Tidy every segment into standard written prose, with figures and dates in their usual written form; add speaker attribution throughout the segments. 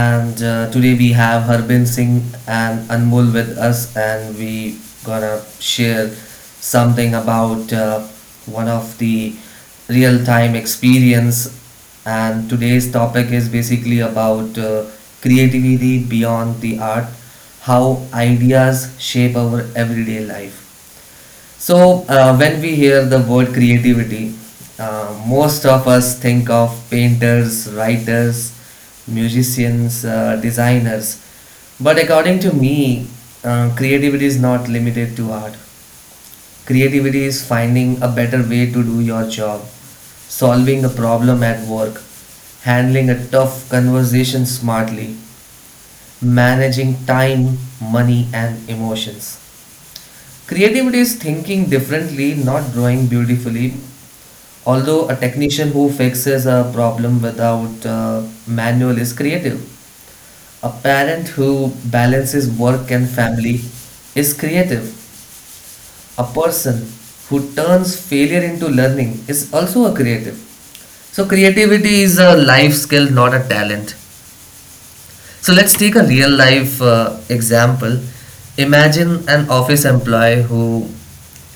Speaker 1: And today we have Harbin Singh and Anmol with us, and we gonna share something about one of the real-time experience. And today's topic is basically about creativity beyond the art, how ideas shape our everyday life. So, when we hear the word creativity, most of us think of painters, writers, musicians, designers. But according to me, creativity is not limited to art. Creativity is finding a better way to do your job, solving a problem at work, handling a tough conversation smartly, managing time, money, and emotions. Creativity is thinking differently, not drawing beautifully. Although a technician who fixes a problem without a manual is creative, a parent who balances work and family is creative. A person who turns failure into learning is also a creative. So, creativity is a life skill, not a talent. So let's take a real life example. Imagine an office employee who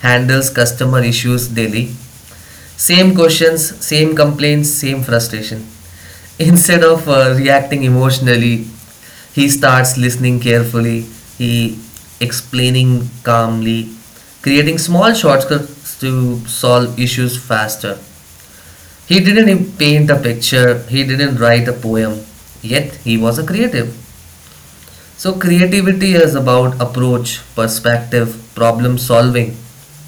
Speaker 1: handles customer issues daily. Same questions, same complaints, same frustration. Instead of reacting emotionally, he starts listening carefully, he explaining calmly, creating small shortcuts to solve issues faster. He didn't paint a picture, he didn't write a poem, yet he was a creative. So, creativity is about approach, perspective, problem solving.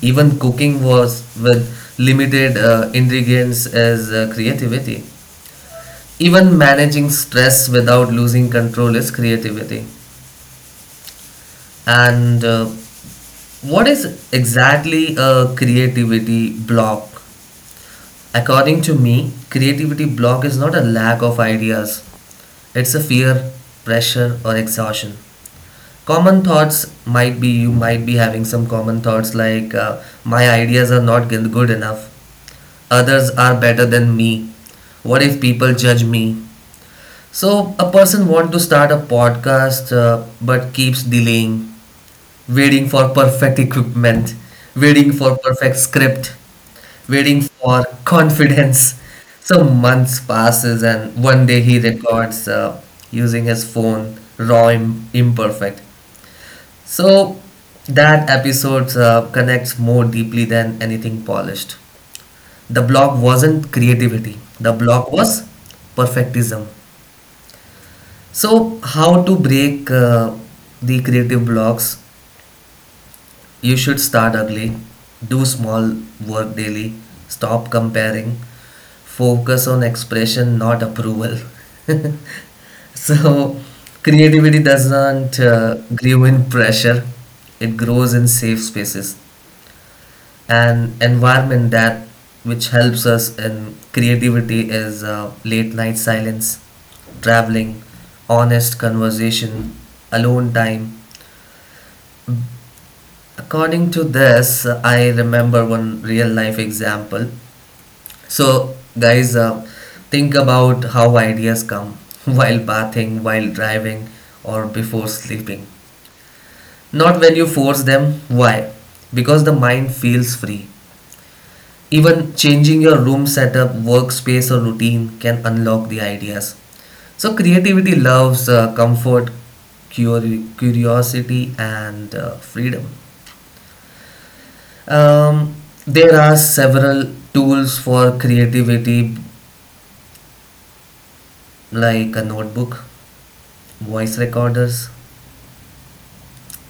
Speaker 1: Even cooking was with limited ingredients is creativity. Even managing stress without losing control is creativity. And what is exactly a creativity block? According to me, creativity block is not a lack of ideas, it's a fear, pressure, or exhaustion. Common thoughts might be You might be having some common thoughts like my ideas are not good enough, others are better than me, what if people judge me? So a person want to start a podcast, but keeps delaying, waiting for perfect equipment, waiting for perfect script, waiting for confidence. So months passes, and one day he records, using his phone raw, imperfect. So that episode connects more deeply than anything polished. The block wasn't creativity. The block was perfectism. So how to break the creative blocks? You should start early. Do small work daily. Stop comparing. Focus on expression, not approval. So, creativity doesn't grow in pressure, it grows in safe spaces. An environment that which helps us in creativity is late night silence, traveling, honest conversation, alone time. According to this, I remember one real life example. So, guys, think about how ideas come while bathing, while driving, or before sleeping. Not when you force them. Why? Because the mind feels free. Even changing your room setup, workspace, or routine can unlock the ideas. So, creativity loves comfort, curiosity, and freedom. Um, there are several tools for creativity, like a notebook, voice recorders,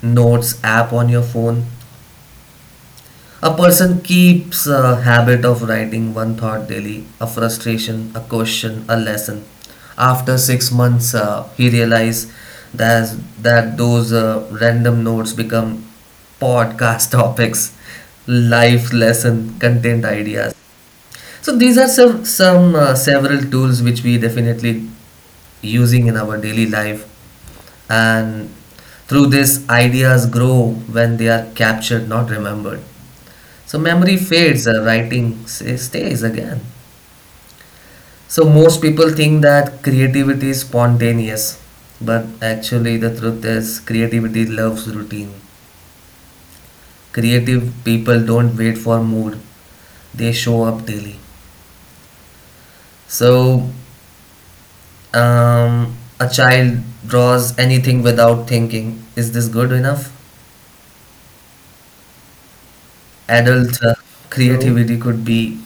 Speaker 1: notes app on your phone. A person keeps a habit of writing one thought daily, a frustration, a question, a lesson. After 6 months, he realized that, those random notes become podcast topics, life lesson, content ideas. So these are some several tools which we definitely using in our daily life, and through this ideas grow when they are captured, not remembered. So memory fades, writing stays again. So most people think that creativity is spontaneous, but actually the truth is creativity loves routine. Creative people don't wait for mood; they show up daily. So a child draws anything without thinking. Is this good enough? Adult
Speaker 2: No,
Speaker 1: creativity could be,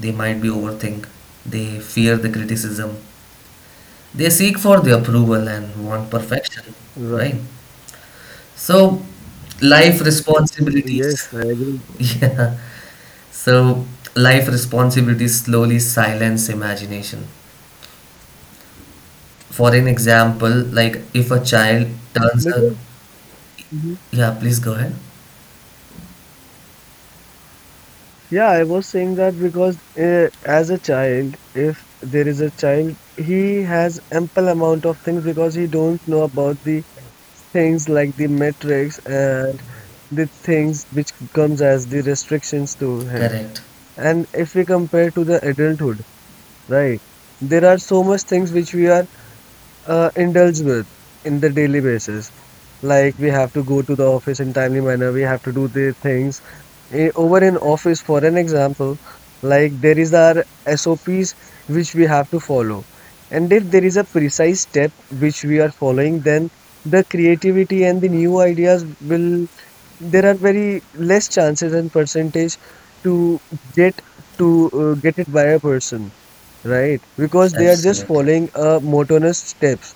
Speaker 1: they might be overthink. They fear the criticism. They seek for the approval and want perfection, right?
Speaker 2: right.
Speaker 1: So, life
Speaker 2: Yes,
Speaker 1: responsibilities.
Speaker 2: I agree.
Speaker 1: Yeah. So, life responsibilities slowly silence imagination. For an example, like if a child turns a,
Speaker 2: Because, mhm,
Speaker 1: yeah, please go ahead.
Speaker 2: yeah, I was saying that because as a child, if there is a child, he has ample amount of things because he don't know about the things like the metrics and the things which comes as the restrictions to him.
Speaker 1: Correct.
Speaker 2: And if we compare to the adulthood, right, there are so much things which we are indulged with in the daily basis. Like we have to go to the office in timely manner, we have to do the things over in office. For an example, like there is our SOPs which we have to follow, and if there is a precise step which we are following, then the creativity and the new ideas will there are very less chances and percentage to get to get it by a person, right? Because they are just
Speaker 1: Absolutely.
Speaker 2: following a monotonous steps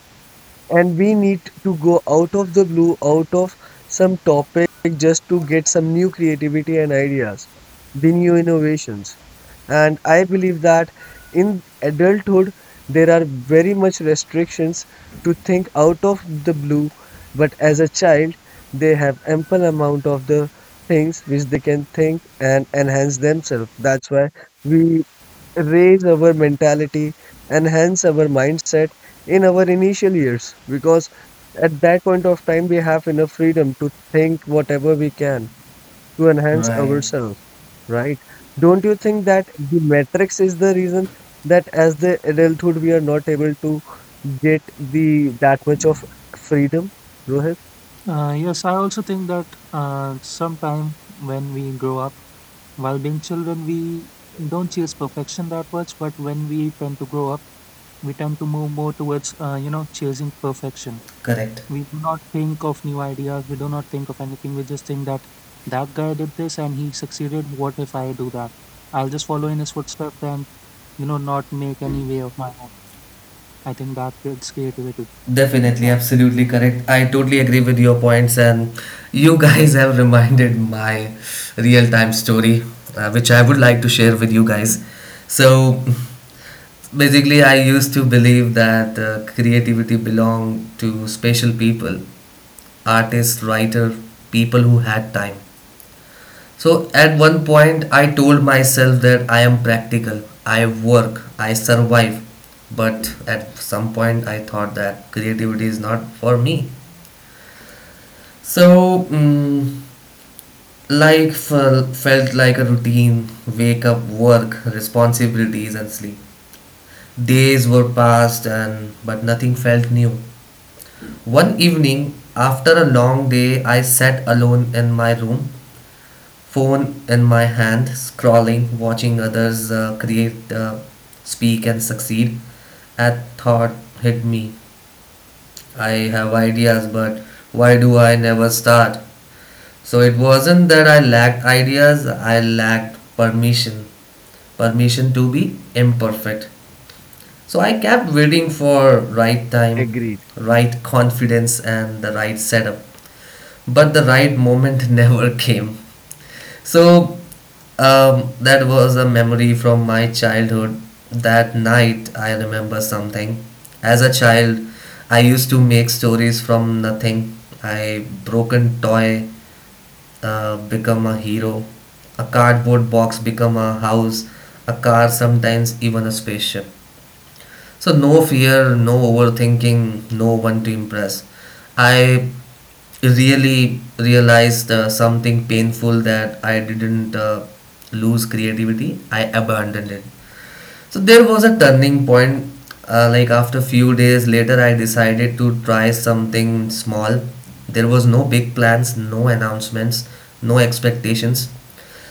Speaker 2: and we need to go out of the blue, out of some topic, just to get some new creativity and ideas, the new innovations. And I believe that in adulthood, there are very much restrictions to think out of the blue, but as a child, they have ample amount of the things which they can think and enhance themselves. That's why we raise our mentality, enhance our mindset in our initial years, because at that point of time we have enough freedom to think whatever we can to enhance
Speaker 1: Right.
Speaker 2: ourselves, right? Don't you think that the matrix is the reason that as the adulthood we are not able to get the that much of freedom, Rohit?
Speaker 3: Yes, I also think that sometime when we grow up, while being children, we don't chase perfection that much. But when we tend to grow up, we tend to move more towards, chasing perfection.
Speaker 1: Correct.
Speaker 3: We do not think of new ideas. We do not think of anything. We just think that that guy did this and he succeeded. What if I do that? I'll just follow in his footsteps and, not make any way of my own. I think that builds creativity. Mm,
Speaker 1: Definitely,
Speaker 3: uh,
Speaker 1: absolutely correct. I totally agree with your points, and you guys have reminded my real time story, which I would like to share with you guys. So, basically, I used to believe that creativity belonged to special people, artists, writer, people who had time. So at one point, I told myself that I am practical, I work, I survive. But at some point, I thought that creativity is not for me. So, life felt like a routine, wake up, work, responsibilities, and sleep. Days were passed, and but nothing felt new. One evening, after a long day, I sat alone in my room, phone in my hand, scrolling, watching others create, speak, and succeed. That thought hit me. I have ideas, but why do I never start? So it wasn't that I lacked ideas, I lacked permission. Permission to be imperfect. So I kept waiting for right time,
Speaker 2: Agreed.
Speaker 1: right confidence and the right setup. But the right moment never came. So that was a memory from my childhood. That night, I remember something. As a child, I used to make stories from nothing. I broken toy become a hero. A cardboard box become a house. A car, sometimes even a spaceship. So no fear, no overthinking, no one to impress. I really realized something painful, that I didn't lose creativity. I abandoned it. So there was a turning point. Like after few days later, I decided to try something small. There was no big plans, no announcements, no expectations.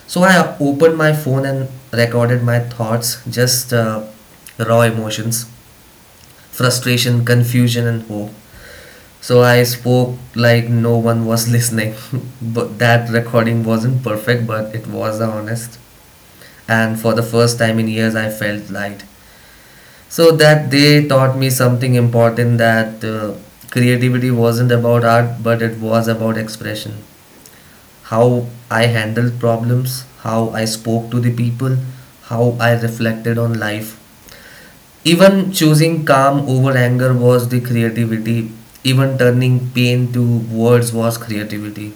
Speaker 1: So I opened my phone and recorded my thoughts, just raw emotions, frustration, confusion, and hope. So I spoke like no one was listening. But that recording wasn't perfect, but it was honest. And for the first time in years, I felt light. So that day taught me something important, that creativity wasn't about art, but it was about expression. How I handled problems, how I spoke to the people, how I reflected on life. Even choosing calm over anger was the creativity. Even turning pain to words was creativity.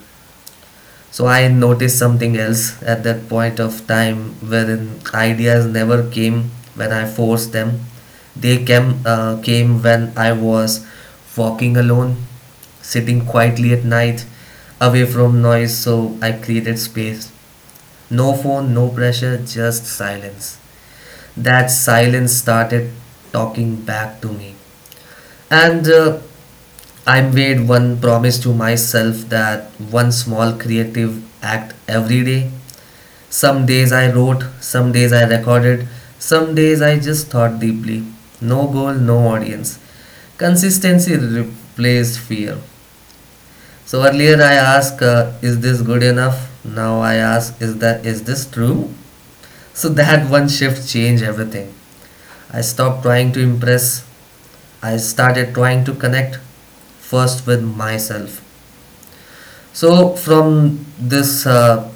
Speaker 1: So I noticed something else at that point of time, wherein ideas never came when I forced them. They came when I was walking alone, sitting quietly at night, away from noise. So I created space. No phone, no pressure, just silence. That silence started talking back to me. And I made one promise to myself, that one small creative act every day. Some days I wrote, some days I recorded, some days I just thought deeply. No goal, no audience. Consistency replaced fear. So earlier I asked, is this good enough? Now I ask, is this true? So that one shift changed everything. I stopped trying to impress. I started trying to connect, first with myself. So, from this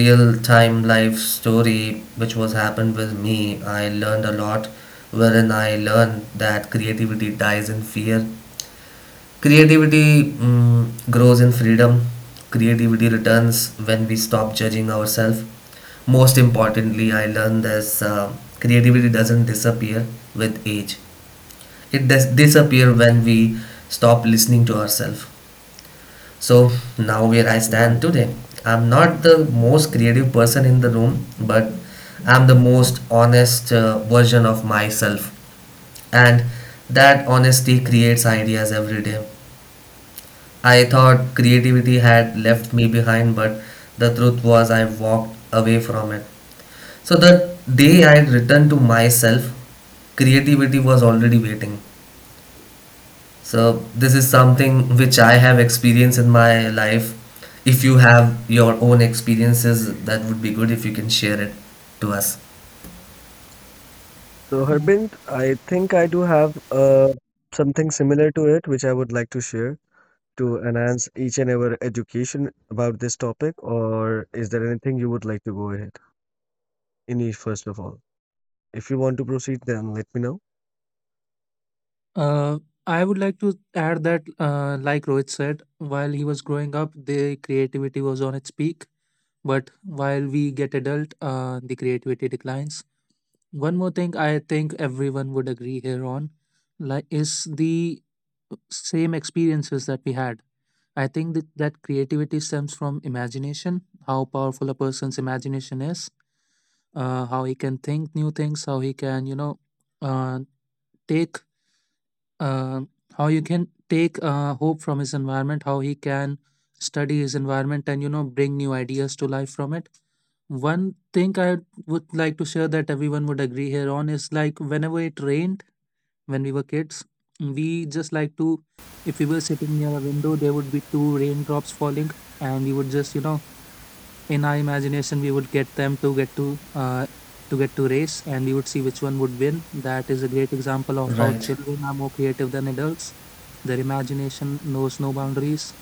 Speaker 1: real time life story which was happened with me, I learned a lot, wherein I learned that creativity dies in fear. Creativity grows in freedom. Creativity returns when we stop judging ourselves. Most importantly, I learned this, creativity doesn't disappear with age. It does disappear when we stop listening to ourselves. So now where I stand
Speaker 2: Right.
Speaker 1: today, I'm not the most creative person in the room, but I'm the most honest version of myself, and that honesty creates ideas every day. I thought creativity had
Speaker 2: Mm.
Speaker 1: left me behind, but the truth was I walked away from it. So the day I returned to myself, creativity was already waiting. So this is something which I have experienced in my life. If you have your own experiences, that would be good if you can share it to us.
Speaker 2: So Harbint, I think I do have something similar to it which I would like to share to enhance each and every education about this topic, or is there anything you would like to go ahead? Anish, first of all, if you want to proceed, then let me know.
Speaker 3: Uh, I would like to add that, like Rohit said, while he was growing up, the creativity was on its peak. But while we get adult, the creativity declines. One more thing I think everyone would agree here on, like, is the same experiences that we had. I think that, that creativity stems from imagination, how powerful a person's imagination is, how he can think new things, how he can, uh, take uh, hope from his environment, how he can study his environment and, bring new ideas to life from it. One thing I would like to share that everyone would agree here on is, like, whenever it rained when we were kids, we just like to, if we were sitting near a window, there would be two raindrops falling and we would just, in our imagination, we would get them to get to uh, race, and we would see which one would win. That is a great example of how
Speaker 1: Right.
Speaker 3: children are more creative than adults. Their imagination knows no boundaries.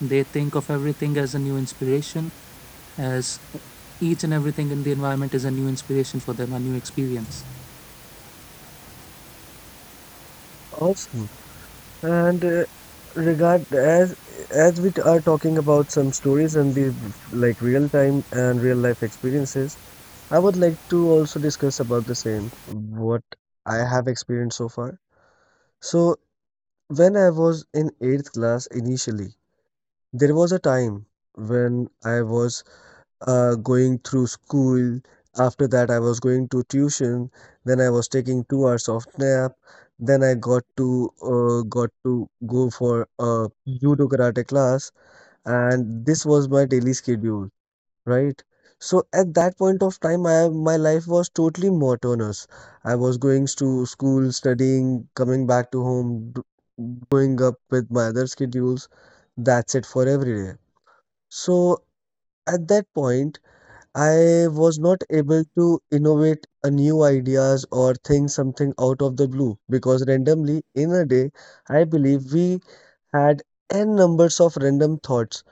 Speaker 3: They think of everything as a new inspiration, as each and everything in the environment is a new inspiration for them, a new experience.
Speaker 2: Awesome. And regard as are talking about some stories and the like real time and real life experiences, I would like to also discuss about the same what I have experienced so far. So when I was in eighth class initially, there was a time when I was going through school. After that, I was going to tuition. Then I was taking 2 hours of nap. Then I got to go for a judo karate class, and this was my daily schedule, right? So at that point of time, I my life was totally monotonous. I was going to school, studying, coming back to home, going up with my other schedules. That's it for every day. So at that point, I was not able to innovate a new ideas or think something out of the blue, because randomly in a day, I believe we had n numbers of random thoughts,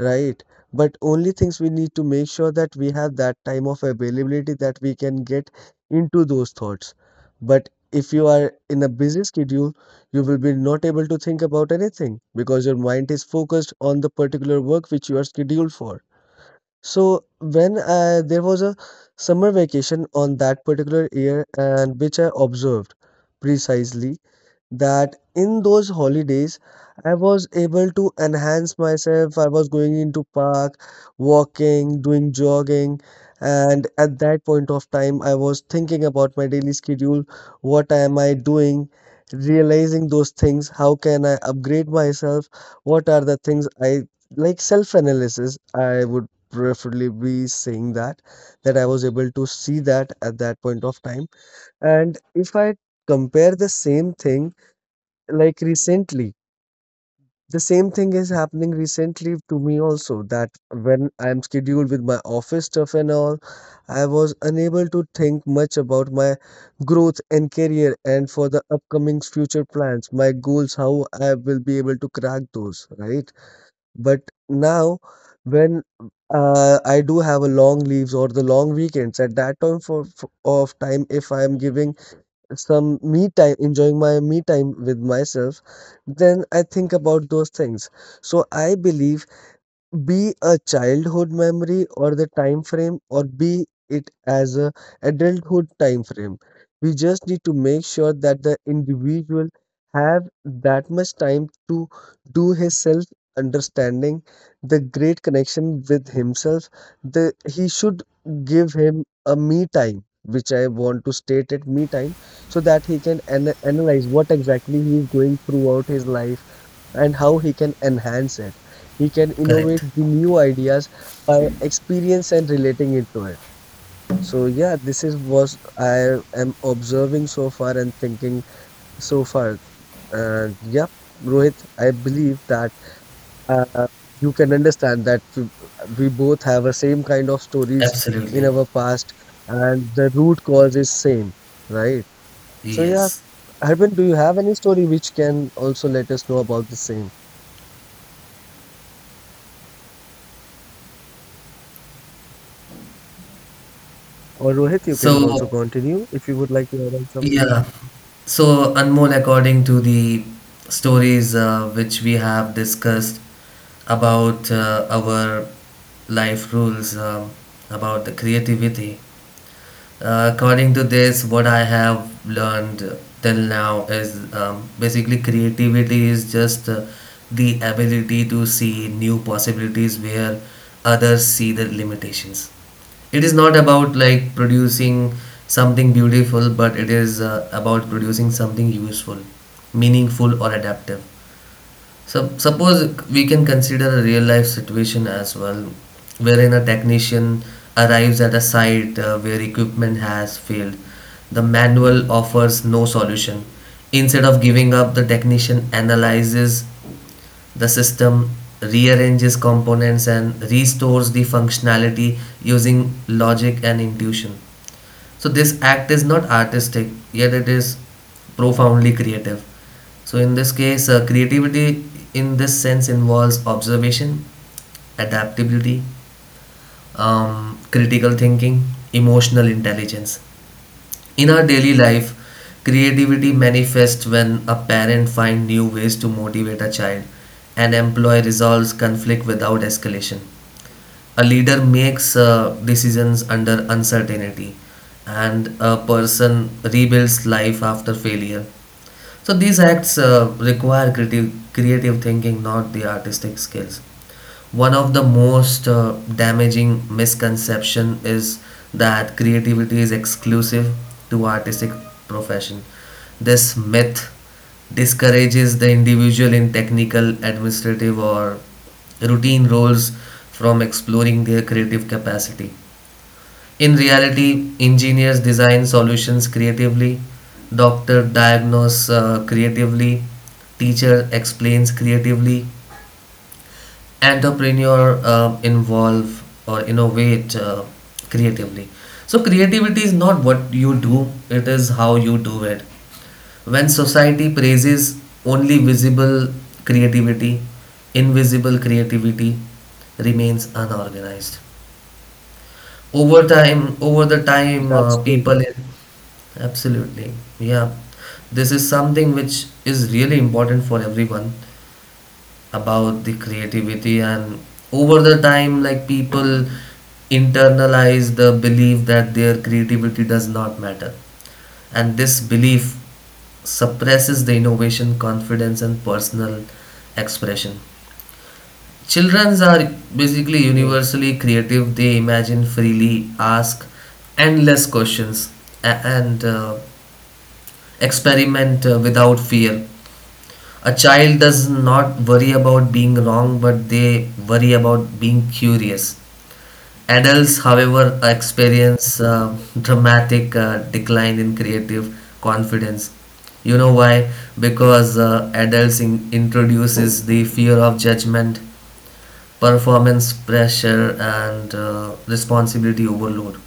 Speaker 2: right? But only things we need to make sure that we have that time of availability that we can get into those thoughts. But if you are in a busy schedule, you will be not able to think about anything because your mind is focused on the particular work which you are scheduled for. So there was a summer vacation on that particular year, and which I observed precisely that in those holidays I was able to enhance myself. I was going into park, walking, doing jogging, and at that point of time I was thinking about my daily schedule, what am I doing, realizing those things, how can I upgrade myself, what are the things I like self-analysis, I would preferably be saying that that I was able to see that at that point of time. And if I compare the same thing, like recently the same thing is happening recently to me also, that when I am scheduled with my office stuff and all, I was unable to think much about my growth and career and for the upcoming future plans, my goals, how I will be able to crack those, right? But now when I do have a long leaves or the long weekends, at that time for of time, if I am giving some me time, enjoying my me time with myself, then I think about those things. So I believe be a childhood memory or the time frame or be it as a adulthood time frame, we just need to make sure that the individual have that much time to do his self understanding, the great connection with himself. The he should give him a me time, which I want to state it me time, so that he can an analyze what exactly he is going throughout his life and how he can enhance it. He can
Speaker 1: Correct.
Speaker 2: innovate the new ideas by experience and relating it to it. So yeah, this is what I am observing so far and thinking so far. Yeah, Rohit, I believe that uh, you can understand that we both have the same kind of stories in
Speaker 1: Absolutely.
Speaker 2: our past, and the root cause is same, right? So yeah,
Speaker 1: Yes.
Speaker 2: Harbin, do you have any story which can also let us know about the same? Or Rohit, you can also
Speaker 1: So,
Speaker 2: continue if you would like to add on some.
Speaker 1: yeah. So, Anmol, according to the stories which we have discussed about our life rules, about the creativity. According to this, what I have learned till now is, basically creativity is just the ability to see new possibilities where others see the limitations. It is not about like producing something beautiful, but it is about producing something useful, meaningful, or adaptive. So suppose we can consider a real life situation as well, wherein a technician arrives at a site where equipment has failed. The manual offers no solution. Instead of giving up, the technician analyzes the system, rearranges components, and restores the functionality using logic and intuition. So this act is not artistic, yet it is profoundly creative. So in this case, creativity in this sense involves observation, adaptability, critical thinking, emotional intelligence. In our daily life, creativity manifests when a parent finds new ways to motivate a child, an employee resolves conflict without escalation, a leader makes decisions under uncertainty, and a person rebuilds life after failure. So these acts require creative thinking, not the artistic skills. One of the most damaging misconception is that creativity is exclusive to artistic profession. This myth discourages the individual in technical, administrative, or routine roles from exploring their creative capacity. In reality, engineers design solutions creatively, doctor diagnose creatively, teacher explains creatively, entrepreneur involve or innovate creatively. So creativity is not what you do, it is how you do it. When society praises only visible creativity, invisible creativity remains unorganized over time. Over the time,
Speaker 2: That's true.
Speaker 1: people absolutely, yeah, this is something which is really important for everyone about the creativity. And over the time, like, people internalize the belief that their creativity does not matter, and this belief suppresses the innovation, confidence, and personal expression. Children are basically
Speaker 2: Right.
Speaker 1: universally creative. They imagine freely, ask endless questions, and experiment without fear. A child does not worry about being wrong, but they worry about being curious. Adults, however, experience dramatic decline in creative confidence. You know why? Because adults introduces the fear of judgment, performance pressure, and responsibility overload.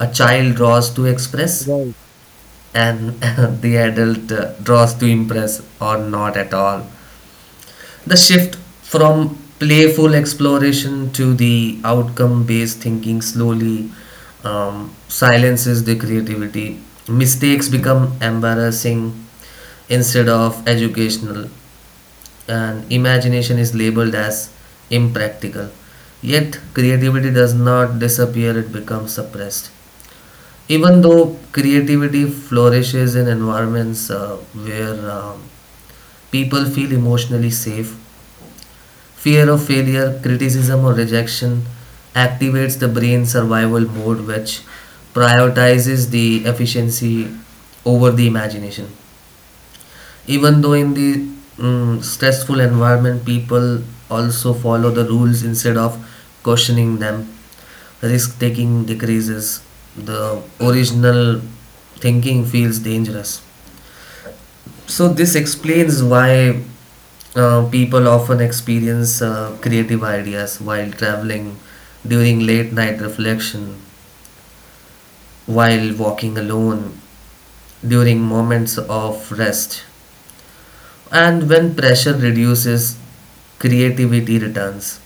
Speaker 1: A child draws to express,
Speaker 2: Right.
Speaker 1: and the adult draws to impress, or not at all. The shift from playful exploration to the outcome based thinking slowly silences the creativity. Mistakes become embarrassing instead of educational, and imagination is labeled as impractical. Yet, creativity does not disappear, it becomes suppressed. Even though creativity flourishes in environments where people feel emotionally safe, fear of failure, criticism, or rejection activates the brain survival mode, which prioritizes the efficiency over the imagination. Even though in the stressful environment, people also follow the rules instead of questioning them. Risk taking decreases. The original thinking feels dangerous. So this explains why people often experience creative ideas while traveling, during late night reflection, while walking alone, during moments of rest. And when pressure reduces, creativity returns.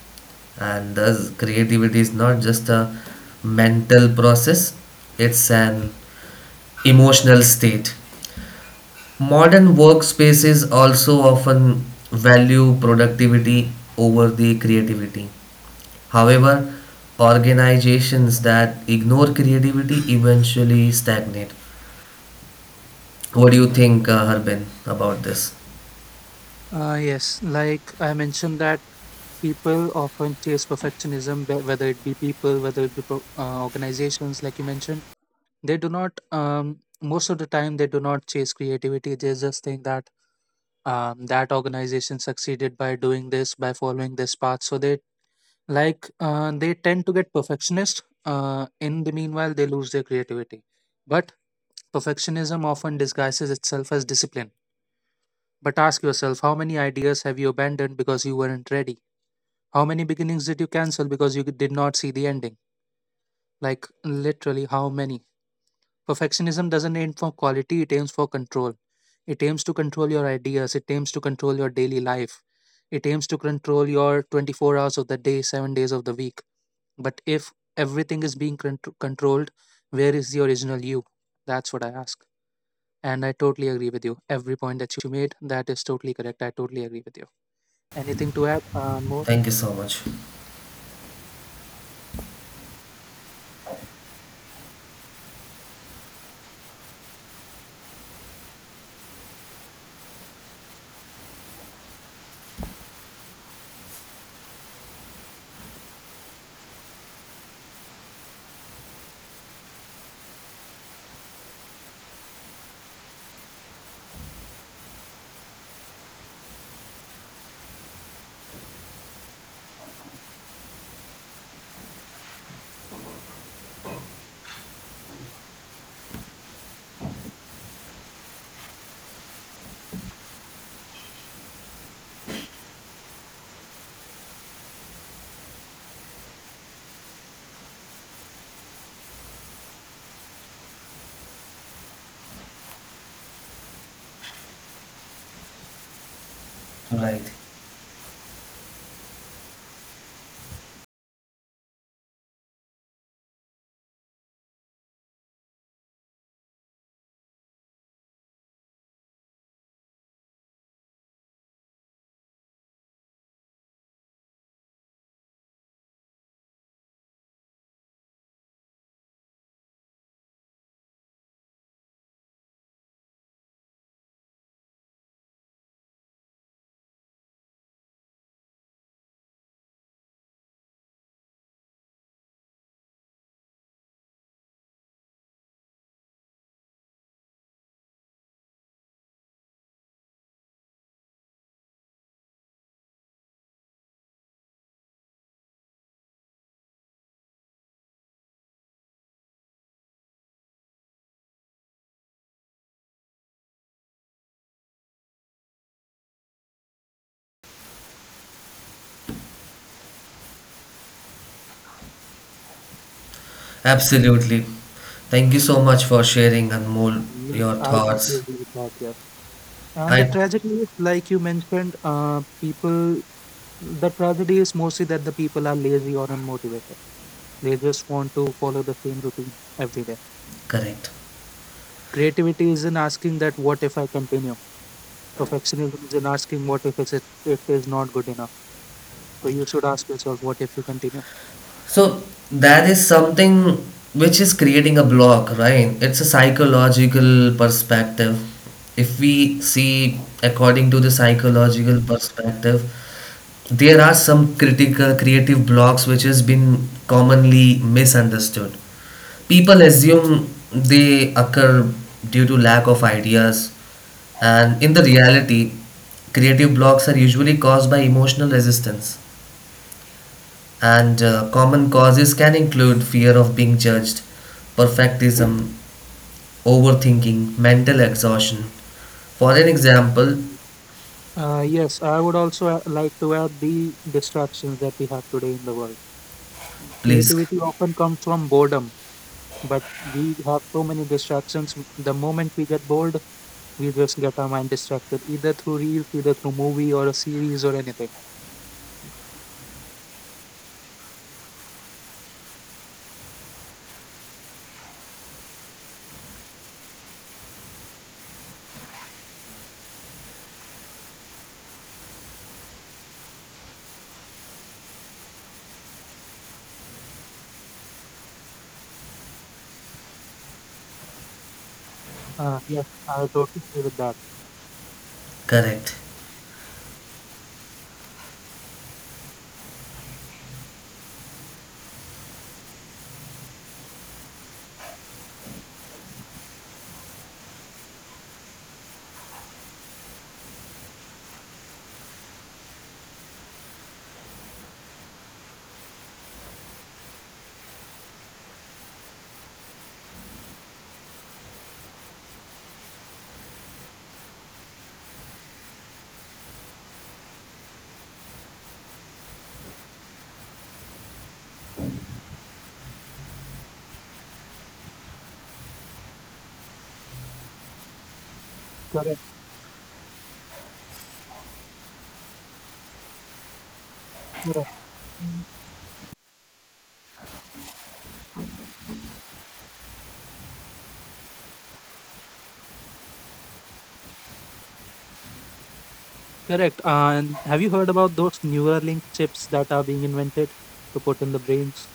Speaker 1: And thus, creativity is not just a mental process, it's an emotional state. Modern workspaces also often value productivity over the creativity. However, organizations that ignore creativity eventually stagnate. What do you think, Harbin, about this?
Speaker 3: Yes like I mentioned, that people often chase perfectionism, whether it be people, whether it be organizations, like you mentioned, they do not, most of the time, they do not chase creativity. They just think that, that organization succeeded by doing this, by following this path, so they like, they tend to get perfectionist, in the meanwhile, they lose their creativity. But perfectionism often disguises itself as discipline. But ask yourself, how many ideas have you abandoned because you weren't ready? How many beginnings did you cancel because you did not see the ending? Like, literally how many. Perfectionism doesn't aim for quality, it aims for control. It aims to control your ideas, it aims to control your daily life, it aims to control your 24 hours of the day, 7 days of the week. But if everything is being controlled, where is the original you? That's what I ask. And I totally agree with you. Every point that you made, that is totally correct. I totally agree with you. Anything to add? More?
Speaker 1: Thank you so much. Right. Absolutely. Thank you so much for sharing, Anmol,
Speaker 3: Yes,
Speaker 1: your
Speaker 3: I totally
Speaker 1: thoughts.
Speaker 3: agree with that. Yes. And the
Speaker 1: I
Speaker 3: tragedy is, like you mentioned, people, the tragedy is, mostly, that the people are lazy or unmotivated. They just want to follow the same routine every day.
Speaker 1: correct.
Speaker 3: Creativity is in asking that, what if I continue? Perfectionism is in asking, what if it's, it is not good enough? So you should ask yourself, what if you continue?
Speaker 1: So that is something which is creating a block, right? It's a psychological perspective. If we see according to the psychological perspective, there are some critical creative blocks which has been commonly misunderstood. People assume they occur due to lack of ideas, and in the reality, creative blocks are usually caused by emotional resistance, and common causes can include fear of being judged, perfectism, overthinking, mental exhaustion. For an example,
Speaker 3: Yes, I would also like to add the distractions that we have today in the world.
Speaker 1: please
Speaker 3: Creativity often comes from boredom. But we have so many distractions. The moment we get bored, we just get our mind distracted, either through reels, either through movie or a series or anything. Yes, I totally agree with that.
Speaker 1: correct.
Speaker 3: Correct, correct, correct. And have you heard about those Neuralink chips that are being invented to put in the brains?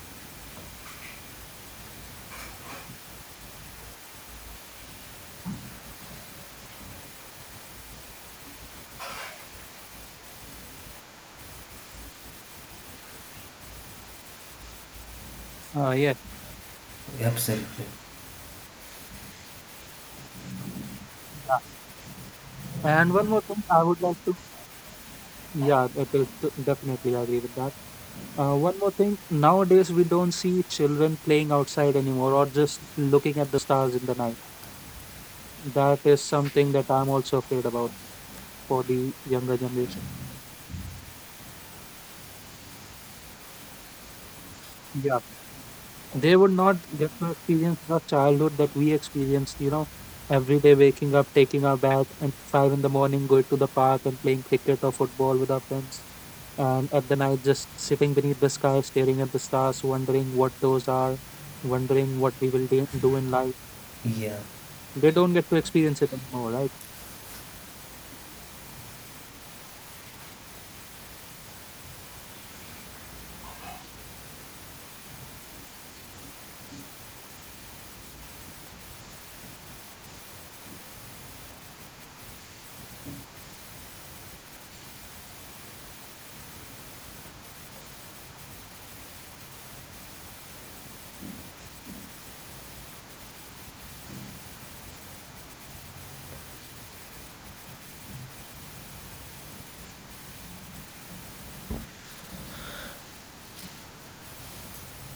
Speaker 3: Uh, yes.
Speaker 1: Absolutely.
Speaker 3: Yeah. And one more thing, I would like to. Yeah, it is definitely, I agree with that. One more thing, nowadays we don't see children playing outside anymore or just looking at the stars in the night. That is something that I'm also afraid about for the younger generation. Yeah. They would not get to experience the childhood that we experienced, every day waking up, taking our bath and 5 in the morning, going to the park and playing cricket or football with our friends. And at the night, just sitting beneath the sky, staring at the stars, wondering what those are, wondering what we will do in life.
Speaker 1: Yeah.
Speaker 3: They don't get to experience it anymore, right?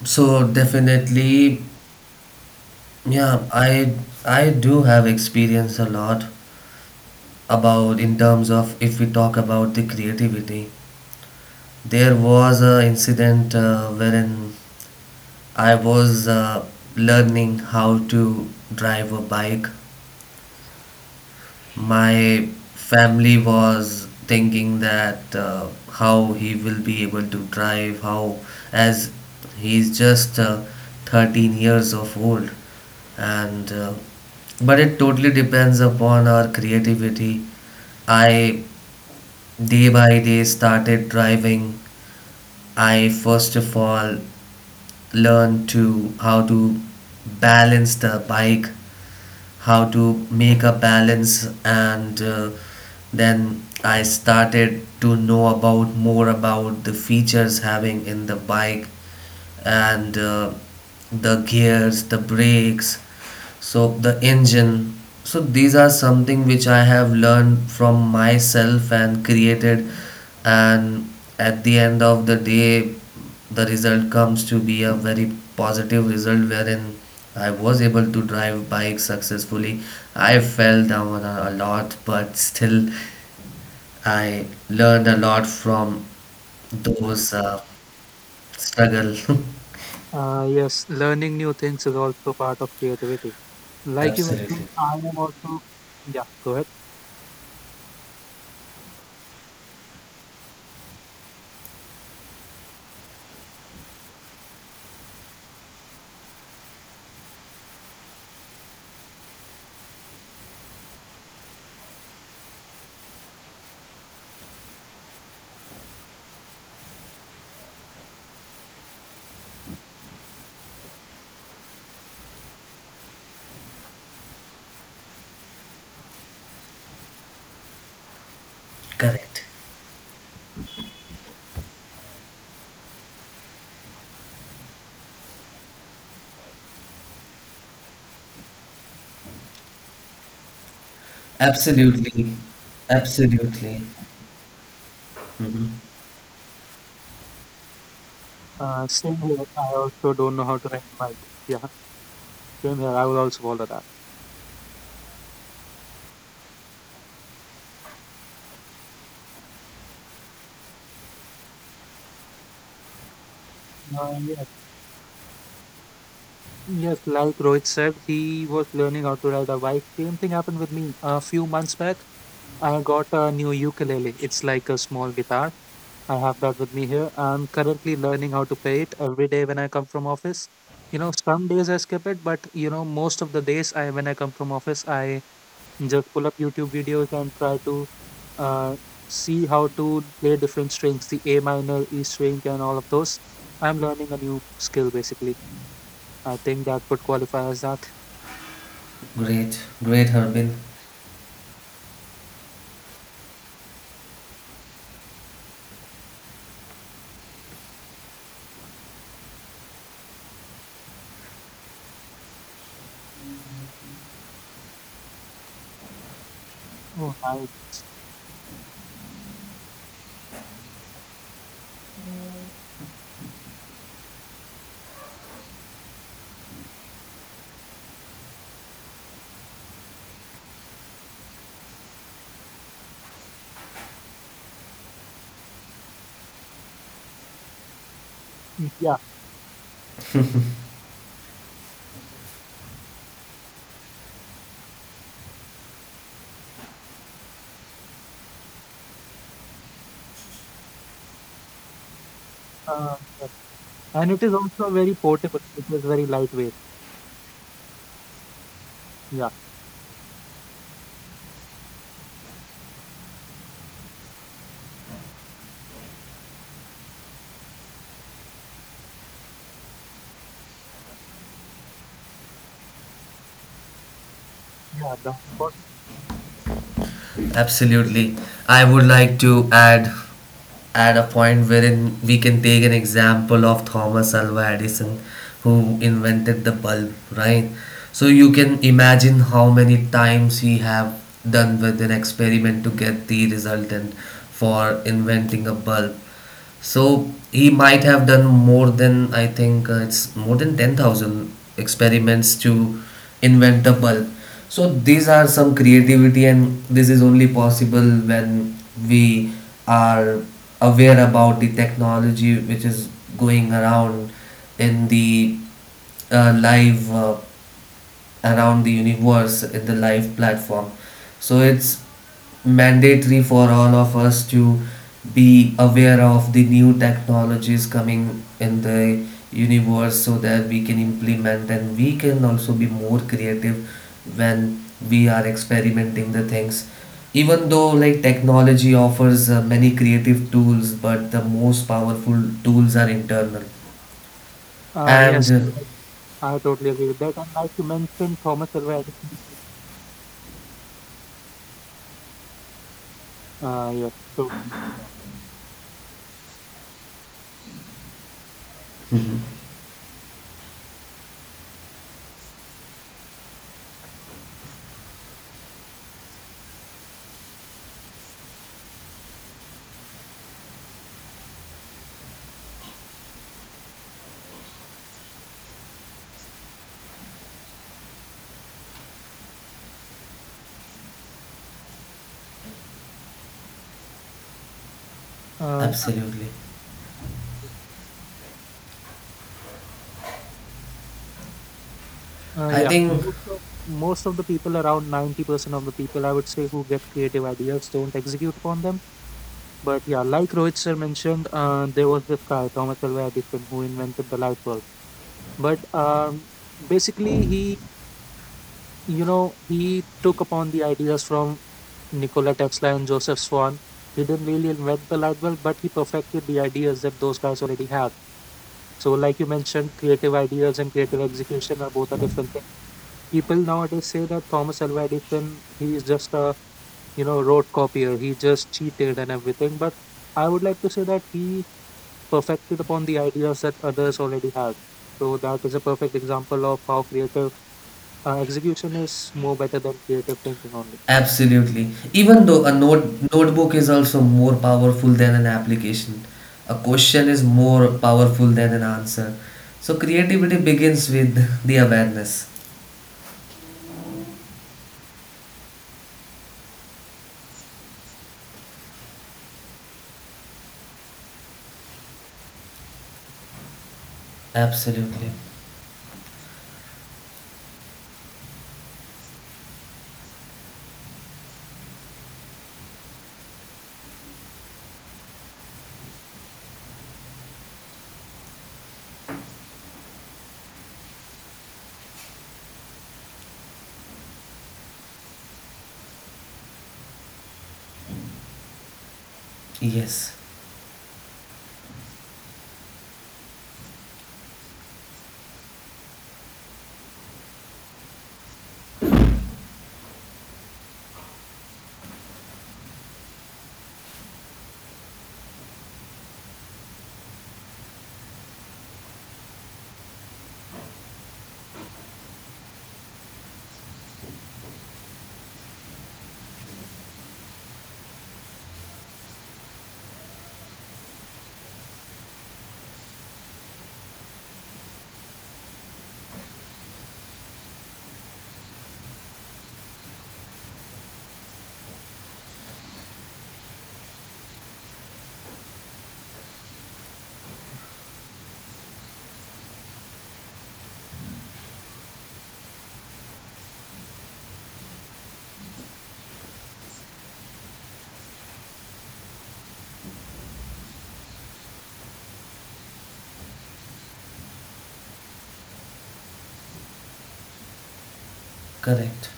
Speaker 1: So definitely, yeah, I do have experience a lot about in terms of if we talk about the creativity. There was a incident wherein I was learning how to drive a bike. My family was thinking that how he will be able to drive, how as he's just 13 years of old, and but it totally depends upon our creativity. I day by day started driving. I first of all learned to how to balance the bike, how to make a balance, and then I started to know about more about the features having in the bike, and the gears, the brakes, so the engine, so these are something which I have learned from myself and created, and at the end of the day the result comes to be a very positive result wherein I was able to drive bike successfully. I fell down a lot, but still I learned a lot from those struggle.
Speaker 3: Yes, learning new things is also part of creativity. Like you mentioned,
Speaker 1: Absolutely
Speaker 3: I am also, yeah, go ahead.
Speaker 1: correct. Absolutely. Absolutely. Mhm.
Speaker 3: Same here. I also don't know how to ride a bike. Yeah, same here. I will also follow that. Uh, yes, yes. Like Rohit said, he was learning how to ride a bike. Same thing happened with me a few months back. I got a new ukulele. It's like a small guitar, I have that with me here. I'm currently learning how to play it every day when I come from office. You know, some days I skip it, but, most of the days I when I come from office, I just pull up YouTube videos and try to uh, see how to play different strings, the A minor, E string, and all of those. I'm learning a new skill, basically. I think that would qualify as that.
Speaker 1: Great, great, Harbin.
Speaker 3: Oh, nice. Yeah. Uh, yes. And it is also very portable. It is very lightweight. Yeah. Yeah. The portable.
Speaker 1: Absolutely. I would
Speaker 3: Absolutely.
Speaker 1: like to add a point wherein we can take an example of Thomas Alva Edison, who invented the bulb, right? So you can imagine how many times he have done with an experiment to get the result and for inventing a bulb. So he might have done more than, I think it's more than 10,000 experiments to invent the bulb. So these are some creativity, and this is only possible when we are aware about the technology which is going around in the live around the universe in the live platform. So it's mandatory for all of us to be aware of the new technologies coming in the universe so that we can implement and we can also be more creative when we are experimenting the things. Even though like technology offers many creative tools, but the most powerful tools are internal,
Speaker 3: Uh, yes.
Speaker 1: and
Speaker 3: I totally agree with that. And like you mentioned, Thomas Alva Edison. Yes, totally agree with that. Uh, yeah,
Speaker 1: absolutely,
Speaker 3: uh,
Speaker 1: I
Speaker 3: yeah.
Speaker 1: think
Speaker 3: Most of most of the people, around 90% of the people, I would say, who get creative ideas, don't execute upon them. But yeah, like Rohit sir mentioned, there was this guy, Thomas Alva Edison, who invented the light bulb. But basically, he you know, he took upon the ideas from Nikola Tesla and Joseph Swan. He didn't really invent the light bulb, but he perfected the ideas that those guys already had. So, like you mentioned, creative ideas and creative execution are both a different thing. People nowadays say that Thomas Alva Edison, he is just a, rote copier. He just cheated and everything. But I would like to say that he perfected upon the ideas that others already had. So that is a perfect example of how creative execution is more better than creative thinking only.
Speaker 1: absolutely. Even though a notebook is also more powerful than an application, a question is more powerful than an answer. So creativity begins with the awareness. Absolutely. Yes. Correct.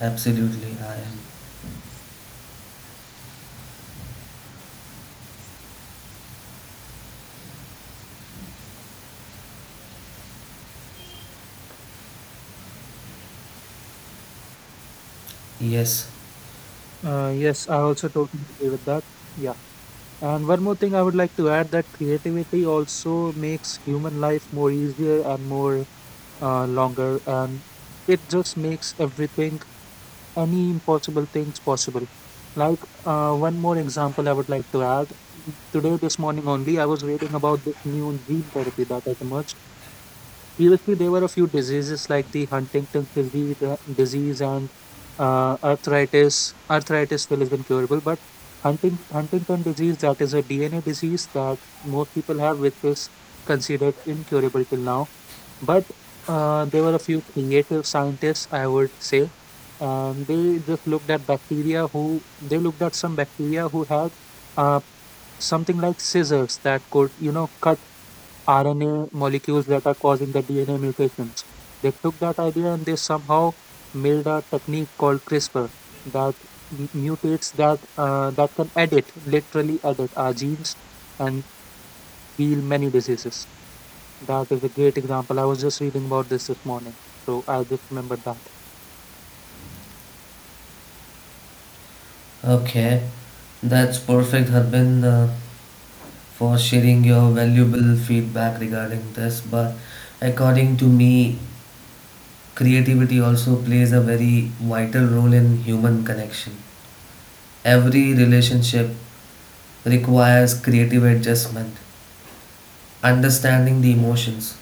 Speaker 1: Absolutely. I am. Yes.
Speaker 3: Yes, I also totally agree with that. Yeah. And one more thing I would like to add, that creativity also makes human life more easier and more longer. And it just makes everything, any impossible things possible. Like, one more example I would like to add. Today, this morning only, I was reading about this new gene therapy that has emerged. Previously, there were a few diseases like the Huntington's disease, and arthritis. Arthritis still is incurable, but Huntington disease, that is a DNA disease that most people have, which is considered incurable till now. But there were a few creative scientists, I would say, and they just looked at bacteria who, they looked at some bacteria who had uh, something like scissors that could, cut RNA molecules that are causing the DNA mutations. They took that idea and they somehow made a technique called CRISPR that mutates, that that can edit, literally edit our genes and heal many diseases. That is a great example. I was just reading about this this morning, so I just remember that.
Speaker 1: Okay. That's perfect, Harbin, for sharing your valuable feedback regarding this. But according to me, creativity also plays a very vital role in human connection. Every relationship requires creative adjustment, understanding the emotions,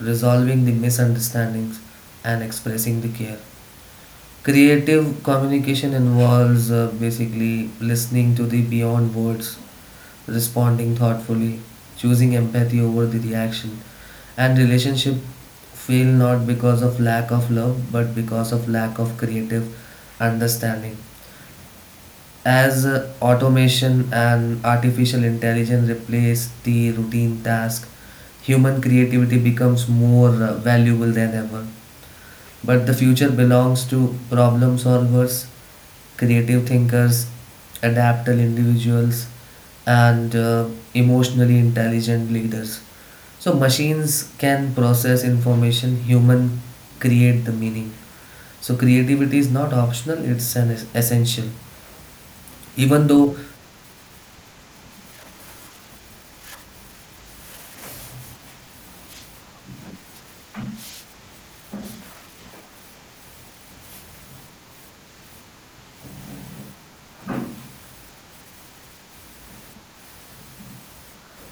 Speaker 1: resolving the misunderstandings, and expressing the care. Creative communication involves basically listening to the beyond words, responding thoughtfully, choosing empathy over the reaction. And relationship fail not because of lack of love, but because of lack of creative understanding. As automation and artificial intelligence replace the routine task, human creativity becomes more valuable than ever. But the future belongs to problem solvers, creative thinkers, adaptable individuals, and emotionally intelligent leaders. So machines can process information, human create the meaning. So creativity is not optional, it's an essential. Even though,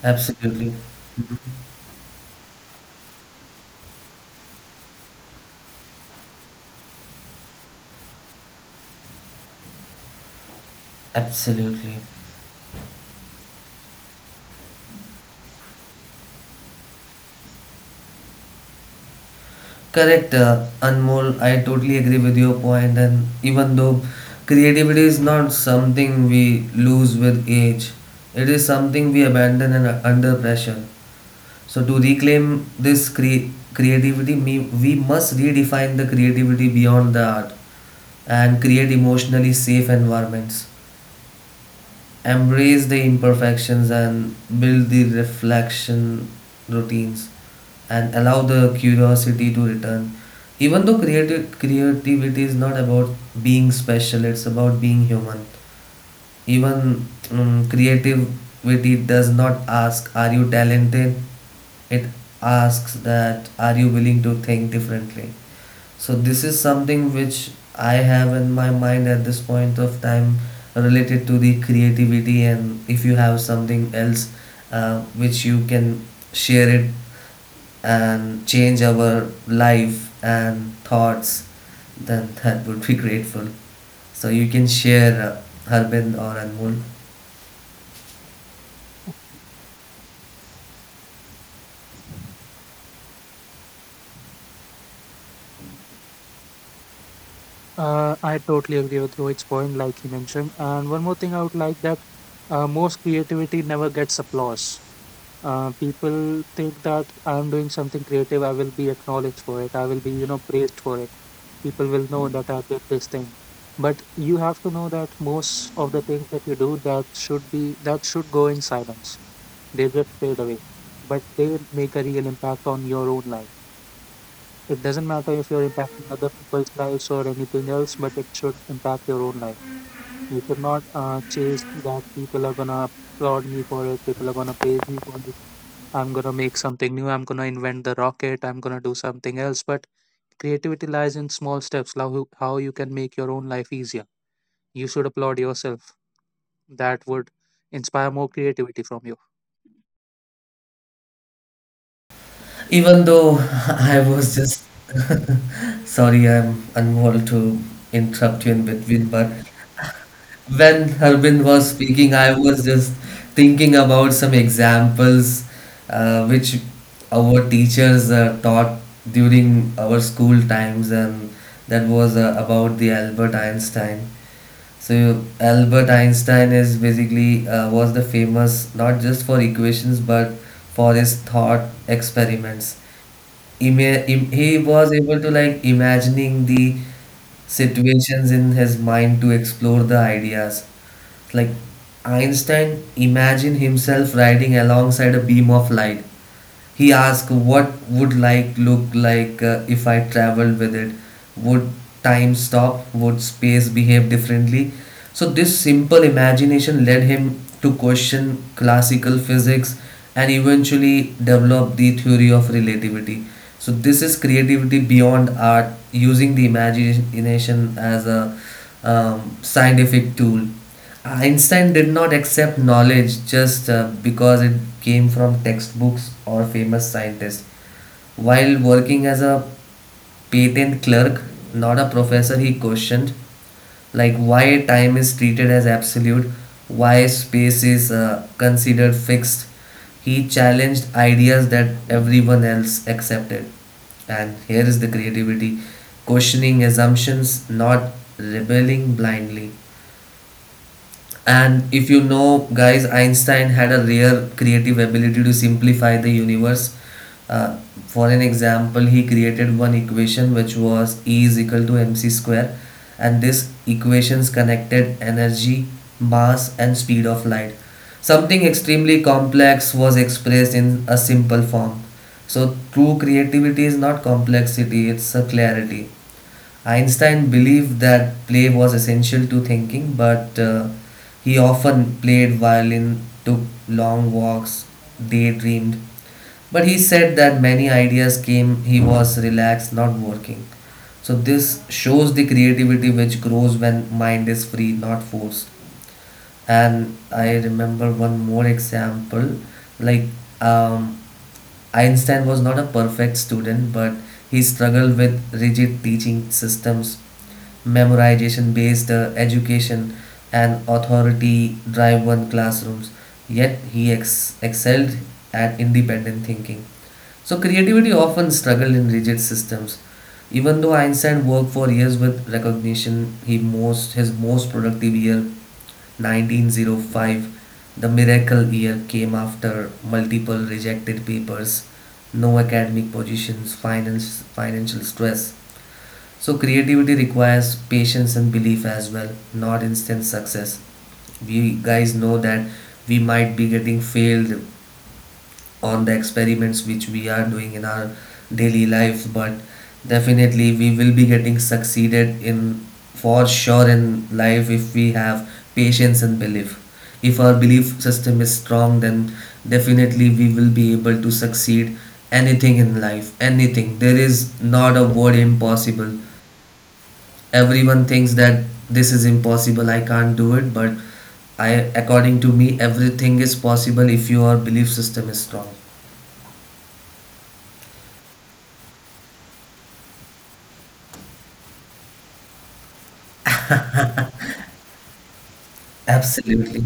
Speaker 1: absolutely, absolutely correct, Anmol. I totally agree with your point. And even though creativity is not something we lose with age, it is something we abandon and under pressure. So to reclaim this creativity, we must redefine the creativity beyond the art, and create emotionally safe environments. Embrace the imperfections, and build the reflection routines, and allow the curiosity to return. Even though creative creativity is not about being special, it's about being human. Even creativity does not ask, are you talented? It asks that, are you willing to think differently? So, this is something which I have in my mind at this point of time related to the creativity. And if you have something else which you can share it and change our life and thoughts, then that would be grateful. So you can share, Harbin or Anmol.
Speaker 3: I totally agree with Rohit's point, like he mentioned. And one more thing I would like, that most creativity never gets applause. Uh, people think that, I'm doing something creative, I will be acknowledged for it. I will be, praised for it. People will know that I did this thing. But you have to know that most of the things that you do that should be, that should go in silence. They just fade away. But they make a real impact on your own life. It doesn't matter if you're impacting other people's lives or anything else, but it should impact your own life. You should not chase that, people are gonna applaud me for it, people are gonna praise me for it, I'm gonna make something new. I'm gonna invent the rocket. I'm gonna do something else. But creativity lies in small steps. Like, how you can make your own life easier. You should applaud yourself. That would inspire more creativity from you.
Speaker 1: Even though I was just sorry, I'm unable to interrupt you in between, but when Harbin was speaking, I was just thinking about some examples which our teachers taught during our school times, and that was about the Albert Einstein. So Albert Einstein is basically was the famous not just for equations, but for his thought experiments. He was able to like imagining the situations in his mind to explore the ideas. Like, Einstein imagined himself riding alongside a beam of light. He asked, what would like look like if I traveled with it? Would time stop? Would space behave differently? So this simple imagination led him to question classical physics and eventually develop the theory of relativity. So this is creativity beyond art, using the imagination as a scientific tool. Einstein did not accept knowledge just because it came from textbooks or famous scientists. While working as a patent clerk, not a professor, he questioned like why time is treated as absolute, why space is considered fixed. He challenged ideas that everyone else accepted. And here is the creativity questioning assumptions, not rebelling blindly. And if you know, guys, Einstein had a rare creative ability to simplify the universe. Uh, for an example, he created one equation which was E is equal to mc square, and this equations connected energy, mass, and speed of light. Something extremely complex was expressed in a simple form. So, true creativity is not complexity, it's a clarity. Einstein believed that play was essential to thinking, but he often played violin, took long walks, daydreamed. But he said that many ideas came, he was relaxed, not working. So, this shows the creativity which grows when mind is free, not forced. And I remember one more example, like, um, Einstein was not a perfect student, but he struggled with rigid teaching systems, memorization based education, and authority driven classrooms, yet he excelled at independent thinking. So, creativity often struggled in rigid systems. Even though Einstein worked for years with recognition, he most, his most productive year 1905, the miracle year, came after multiple rejected papers, no academic positions, finance, financial stress, so creativity requires patience and belief as well, not instant success. We guys know that we might be getting failed on the experiments which we are doing in our daily life, but definitely we will be getting succeeded in for sure in life if we have patience and belief. If our belief system is strong, then definitely we will be able to succeed anything in life. Anything. There is not a word impossible. Everyone thinks that this is impossible, I can't do it, but I, according to me, everything is possible if your belief system is strong. Absolutely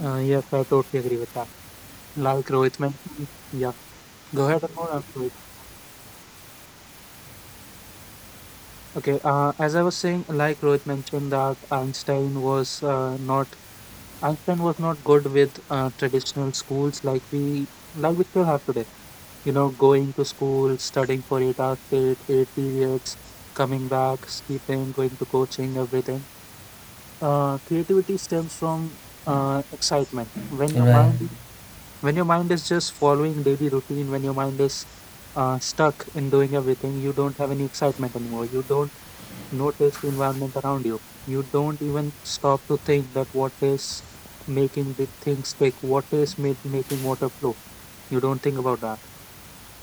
Speaker 3: Yes, I totally agree with that. Like Rohit mentioned, yeah. Go ahead and more. I'm sorry. Okay. As I was saying, like Rohit mentioned that Einstein was not— Einstein was not good with traditional schools like we still have today. You know, going to school, studying for 8 hours, eight periods, coming back, sleeping, going to coaching, everything. Creativity stems from excitement. When your
Speaker 1: right,
Speaker 3: mind when your mind is just following daily routine, when your mind is stuck in doing everything, you don't have any excitement anymore. You don't notice the environment around you. You don't even stop to think that what is making the things take, what is making water flow. You don't think about that.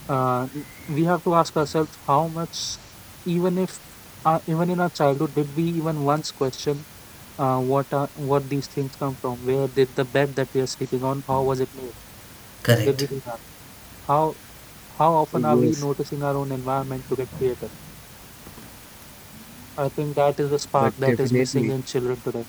Speaker 3: Uh, we have to ask ourselves how much, even if, even in our childhood, did we even once question what are, what these things come from? Where did the bed that we are sleeping on? How was it made? Did
Speaker 1: correct.
Speaker 3: we do that? How how often are we
Speaker 2: Yes,
Speaker 3: noticing our own environment to get creative? I think that is a
Speaker 2: but
Speaker 3: spark that is missing
Speaker 2: definitely.
Speaker 3: in children today.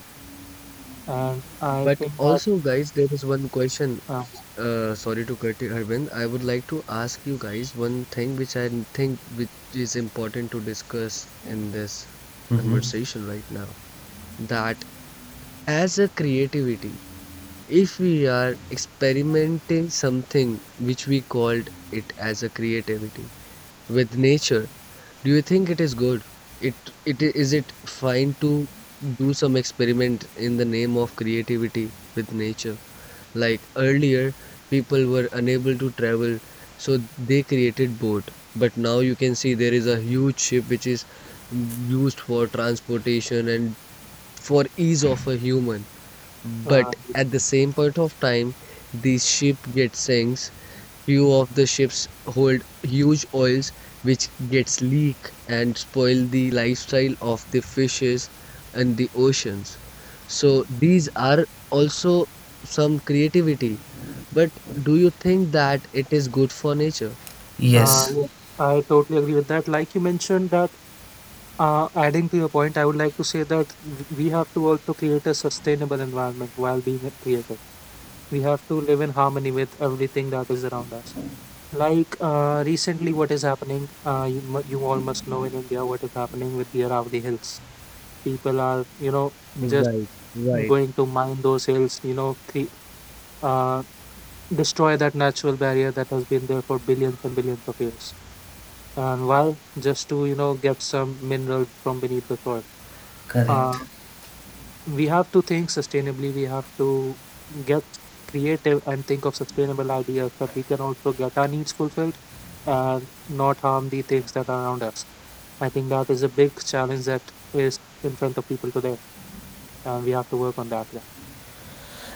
Speaker 3: And I
Speaker 2: But
Speaker 3: think that,
Speaker 2: also, guys, there is one question.
Speaker 3: uh,
Speaker 2: Sorry to cut you, Arvind. I would like to ask you guys one thing which I think which is important to discuss in this
Speaker 1: Mm-hmm,
Speaker 2: conversation right now. That as a creativity, if we are experimenting something which we called it as a creativity with nature. Do you think it is good? It is it fine to do some experiment in the name of creativity with nature? Like earlier, people were unable to travel, so they created boat. But now you can see there is a huge ship which is used for transportation and for ease of a human. But
Speaker 3: uh, yes,
Speaker 2: at the same point of time, the ship gets sinks. Few of the ships hold huge oils which gets leak and spoil the lifestyle of the fishes and the oceans. So these are also some creativity. But do you think that it is good for nature?
Speaker 1: yes,
Speaker 3: yes, I totally agree with that. Like you mentioned that, adding to your point, I would like to say that we have to also create a sustainable environment while being a creative. We have to live in harmony with everything that is around us. Like recently, what is happening? You all must know in India what is happening with the Aravalli Hills. People are, you know, just
Speaker 2: Right, right.
Speaker 3: going to mine those hills, you know, uh, destroy that natural barrier that has been there for billions and billions of years. And why? Just to, you know, get some minerals from beneath the soil. Uh,
Speaker 1: correct.
Speaker 3: we have to think sustainably. We have to get creative and think of sustainable ideas that we can also get our needs fulfilled and not harm the things that are around us. I think that is a big challenge that is in front of people today, and we have to work on that. Yeah.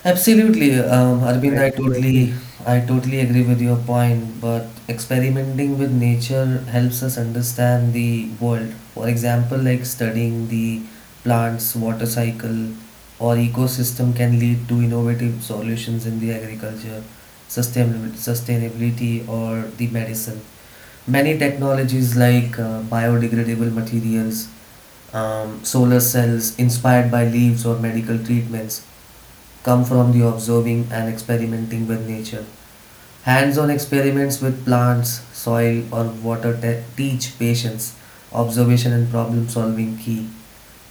Speaker 1: Absolutely, Arvind,
Speaker 2: I do agree.
Speaker 1: I totally agree with your point. But experimenting with nature helps us understand the world. For example, like studying the plants, water cycle, or ecosystem can lead to innovative solutions in the agriculture, sustainability, or the medicine. Many technologies like biodegradable materials, solar cells inspired by leaves, or medical treatments come from the observing and experimenting with nature. Hands on experiments with plants, soil, or water teach patience, observation, and problem solving key,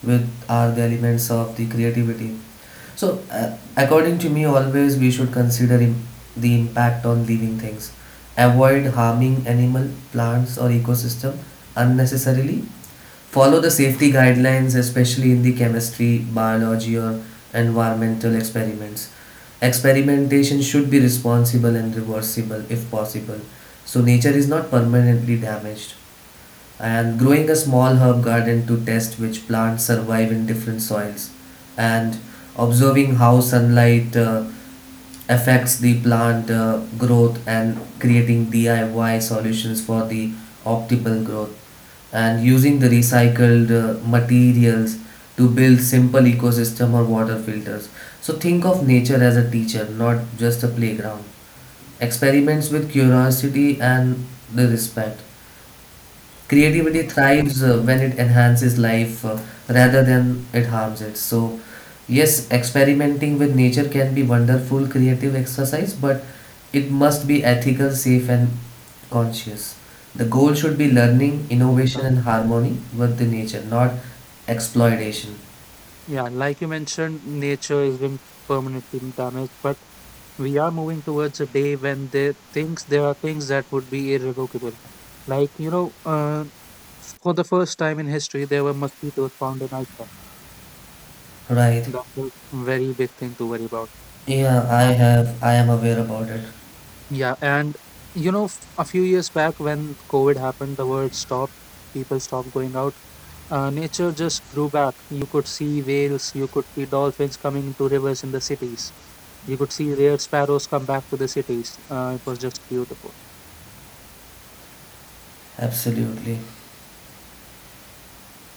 Speaker 1: which are the elements of the creativity. So, according to me, always we should consider the impact on living things. Avoid harming animal, plants, or ecosystem unnecessarily. Follow the safety guidelines, especially in the chemistry, biology, or environmental experiments. Experimentation should be responsible and reversible if possible, so nature is not permanently damaged. And growing a small herb garden to test which plants survive in different soils, and observing how sunlight affects the plant growth, and creating DIY solutions for the optimal growth, and using the recycled materials to build simple ecosystem or water filters. So think of nature as a teacher, not just a playground. Experiments with curiosity and the respect. Creativity thrives when it enhances life rather than it harms it. So, yes, experimenting with nature can be wonderful creative exercise, but it must be ethical, safe, and conscious. The goal should be learning, innovation, and
Speaker 3: Yeah.
Speaker 1: harmony with the nature, not exploitation.
Speaker 3: Yeah, like you mentioned, nature is being permanently damaged, but we are moving towards a day when there things there are things that would be irrevocable. Like you know, for the first time in history, there were mosquitoes found in Iceland.
Speaker 1: Right.
Speaker 3: That was a very big thing to worry about.
Speaker 1: Yeah, I
Speaker 3: And—
Speaker 1: have. I am aware about it.
Speaker 3: yeah, and you know, a few years back when COVID happened, the world stopped. People stopped going out. Nature just grew back. You could see whales, you could see dolphins coming into rivers in the cities. You could see rare sparrows come back to the cities. It was just beautiful.
Speaker 1: Absolutely.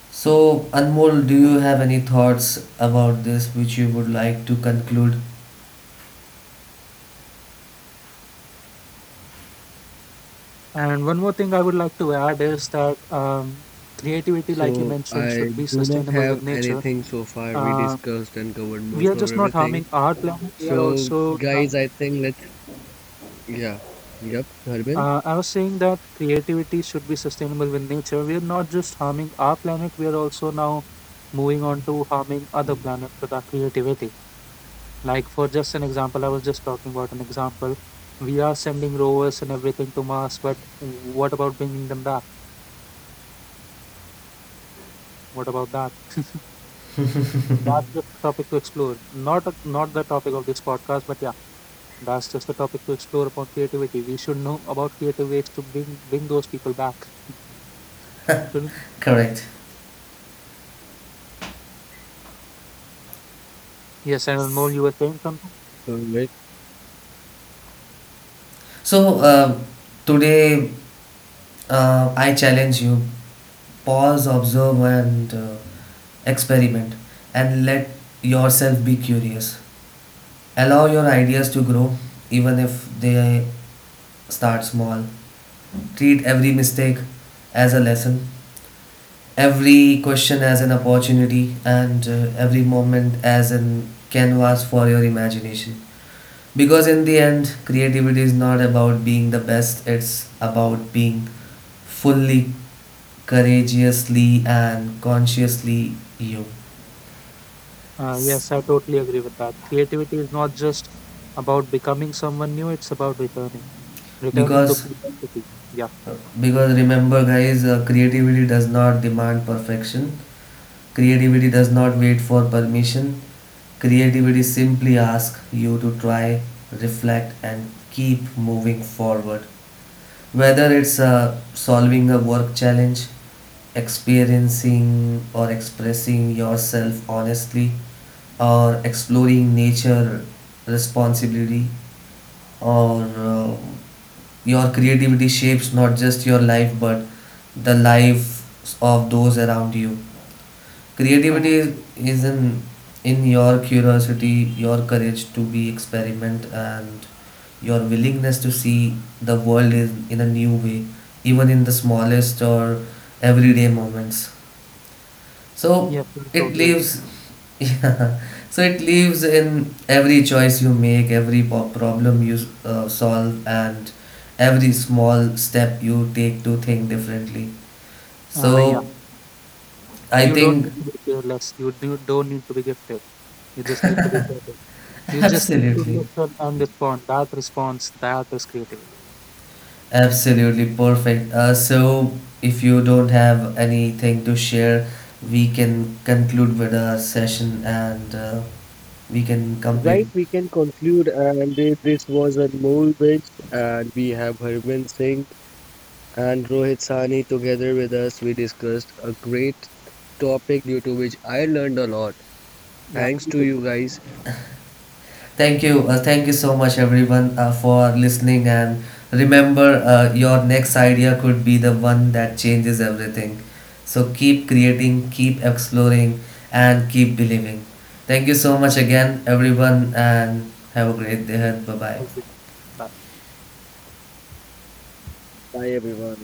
Speaker 1: So, Anmol, do you have any thoughts about this which you would like to conclude?
Speaker 3: And one more thing I would like to add is that creativity, like you
Speaker 2: So
Speaker 3: mentioned,
Speaker 2: I
Speaker 3: should be
Speaker 2: do not
Speaker 3: sustainable
Speaker 2: have
Speaker 3: with nature.
Speaker 2: anything so far. We
Speaker 3: Uh,
Speaker 2: discussed and covered
Speaker 3: we
Speaker 2: most
Speaker 3: are
Speaker 2: of
Speaker 3: just not
Speaker 2: everything.
Speaker 3: harming our planet. We are
Speaker 2: So
Speaker 3: also.
Speaker 2: guys, I think let's yeah. Yep, Harbin.
Speaker 3: I was saying that creativity should be sustainable with nature. We are not just harming our planet. We are also now moving on to harming other planets with our creativity. Like for just an example, I was just talking about an example. We are sending rovers and everything to Mars, but what about bringing them back? What about that? That's just a topic to explore. Not the topic of this podcast, but yeah, that's just a topic to explore upon creativity. We should know about creative ways to bring those people back. Shouldn't we?
Speaker 1: Correct.
Speaker 3: Yes, and Anmol, you were saying something.
Speaker 2: So very
Speaker 1: So today I challenge you, pause, observe, and experiment, and let yourself be curious. Allow your ideas to grow, even if they start small. Treat every mistake as a lesson, every question as an opportunity, and every moment as an canvas for your imagination. Because in the end, creativity is not about being the best, it's about being fully courageously and consciously you.
Speaker 3: Yes, I totally agree with that. Creativity is not just about becoming someone new; it's about returning, returning to
Speaker 1: Because
Speaker 3: creativity. Yeah.
Speaker 1: remember guys, creativity does not demand perfection, creativity does not wait for permission, creativity simply asks you to try, reflect, and keep moving forward, whether it's solving a work challenge, experiencing or expressing yourself honestly, or exploring nature responsibly, or your creativity shapes not just your life but the life of those around you.
Speaker 3: Uh,
Speaker 1: Creativity is in your curiosity, your courage to be experiment, and your willingness to see the world in a new way, even in the smallest or everyday moments. So
Speaker 3: Yes, I
Speaker 1: it
Speaker 3: totally agree.
Speaker 1: leaves, yeah. So it leaves in every choice you make, every problem you solve, and every small step you take to think differently.
Speaker 3: Yeah,
Speaker 1: So I
Speaker 3: you don't
Speaker 1: think
Speaker 3: need to be fearless. Don't need to be gifted. You just need to be present. You just need to
Speaker 1: absolutely,
Speaker 3: listen and respond. That response, that is creativity.
Speaker 1: absolutely perfect. So if you don't have anything to share, we can conclude with our session and we can complete.
Speaker 2: Right, we can conclude, and this was Anmol Vij, and we have Harvinder Singh and Rohit Sani together with us. We discussed a great topic due to which I learned a lot.
Speaker 3: Yeah,
Speaker 2: Thanks
Speaker 3: me
Speaker 2: to
Speaker 3: too.
Speaker 2: you guys.
Speaker 1: Thank you. Thank you so much, everyone, for listening. And remember, your next idea could be the one that changes everything. So keep creating, keep exploring, and keep believing. Thank you so much again, everyone, and have a great day. Bye
Speaker 3: Thank you.
Speaker 1: bye.
Speaker 3: Bye.
Speaker 2: Bye, everyone.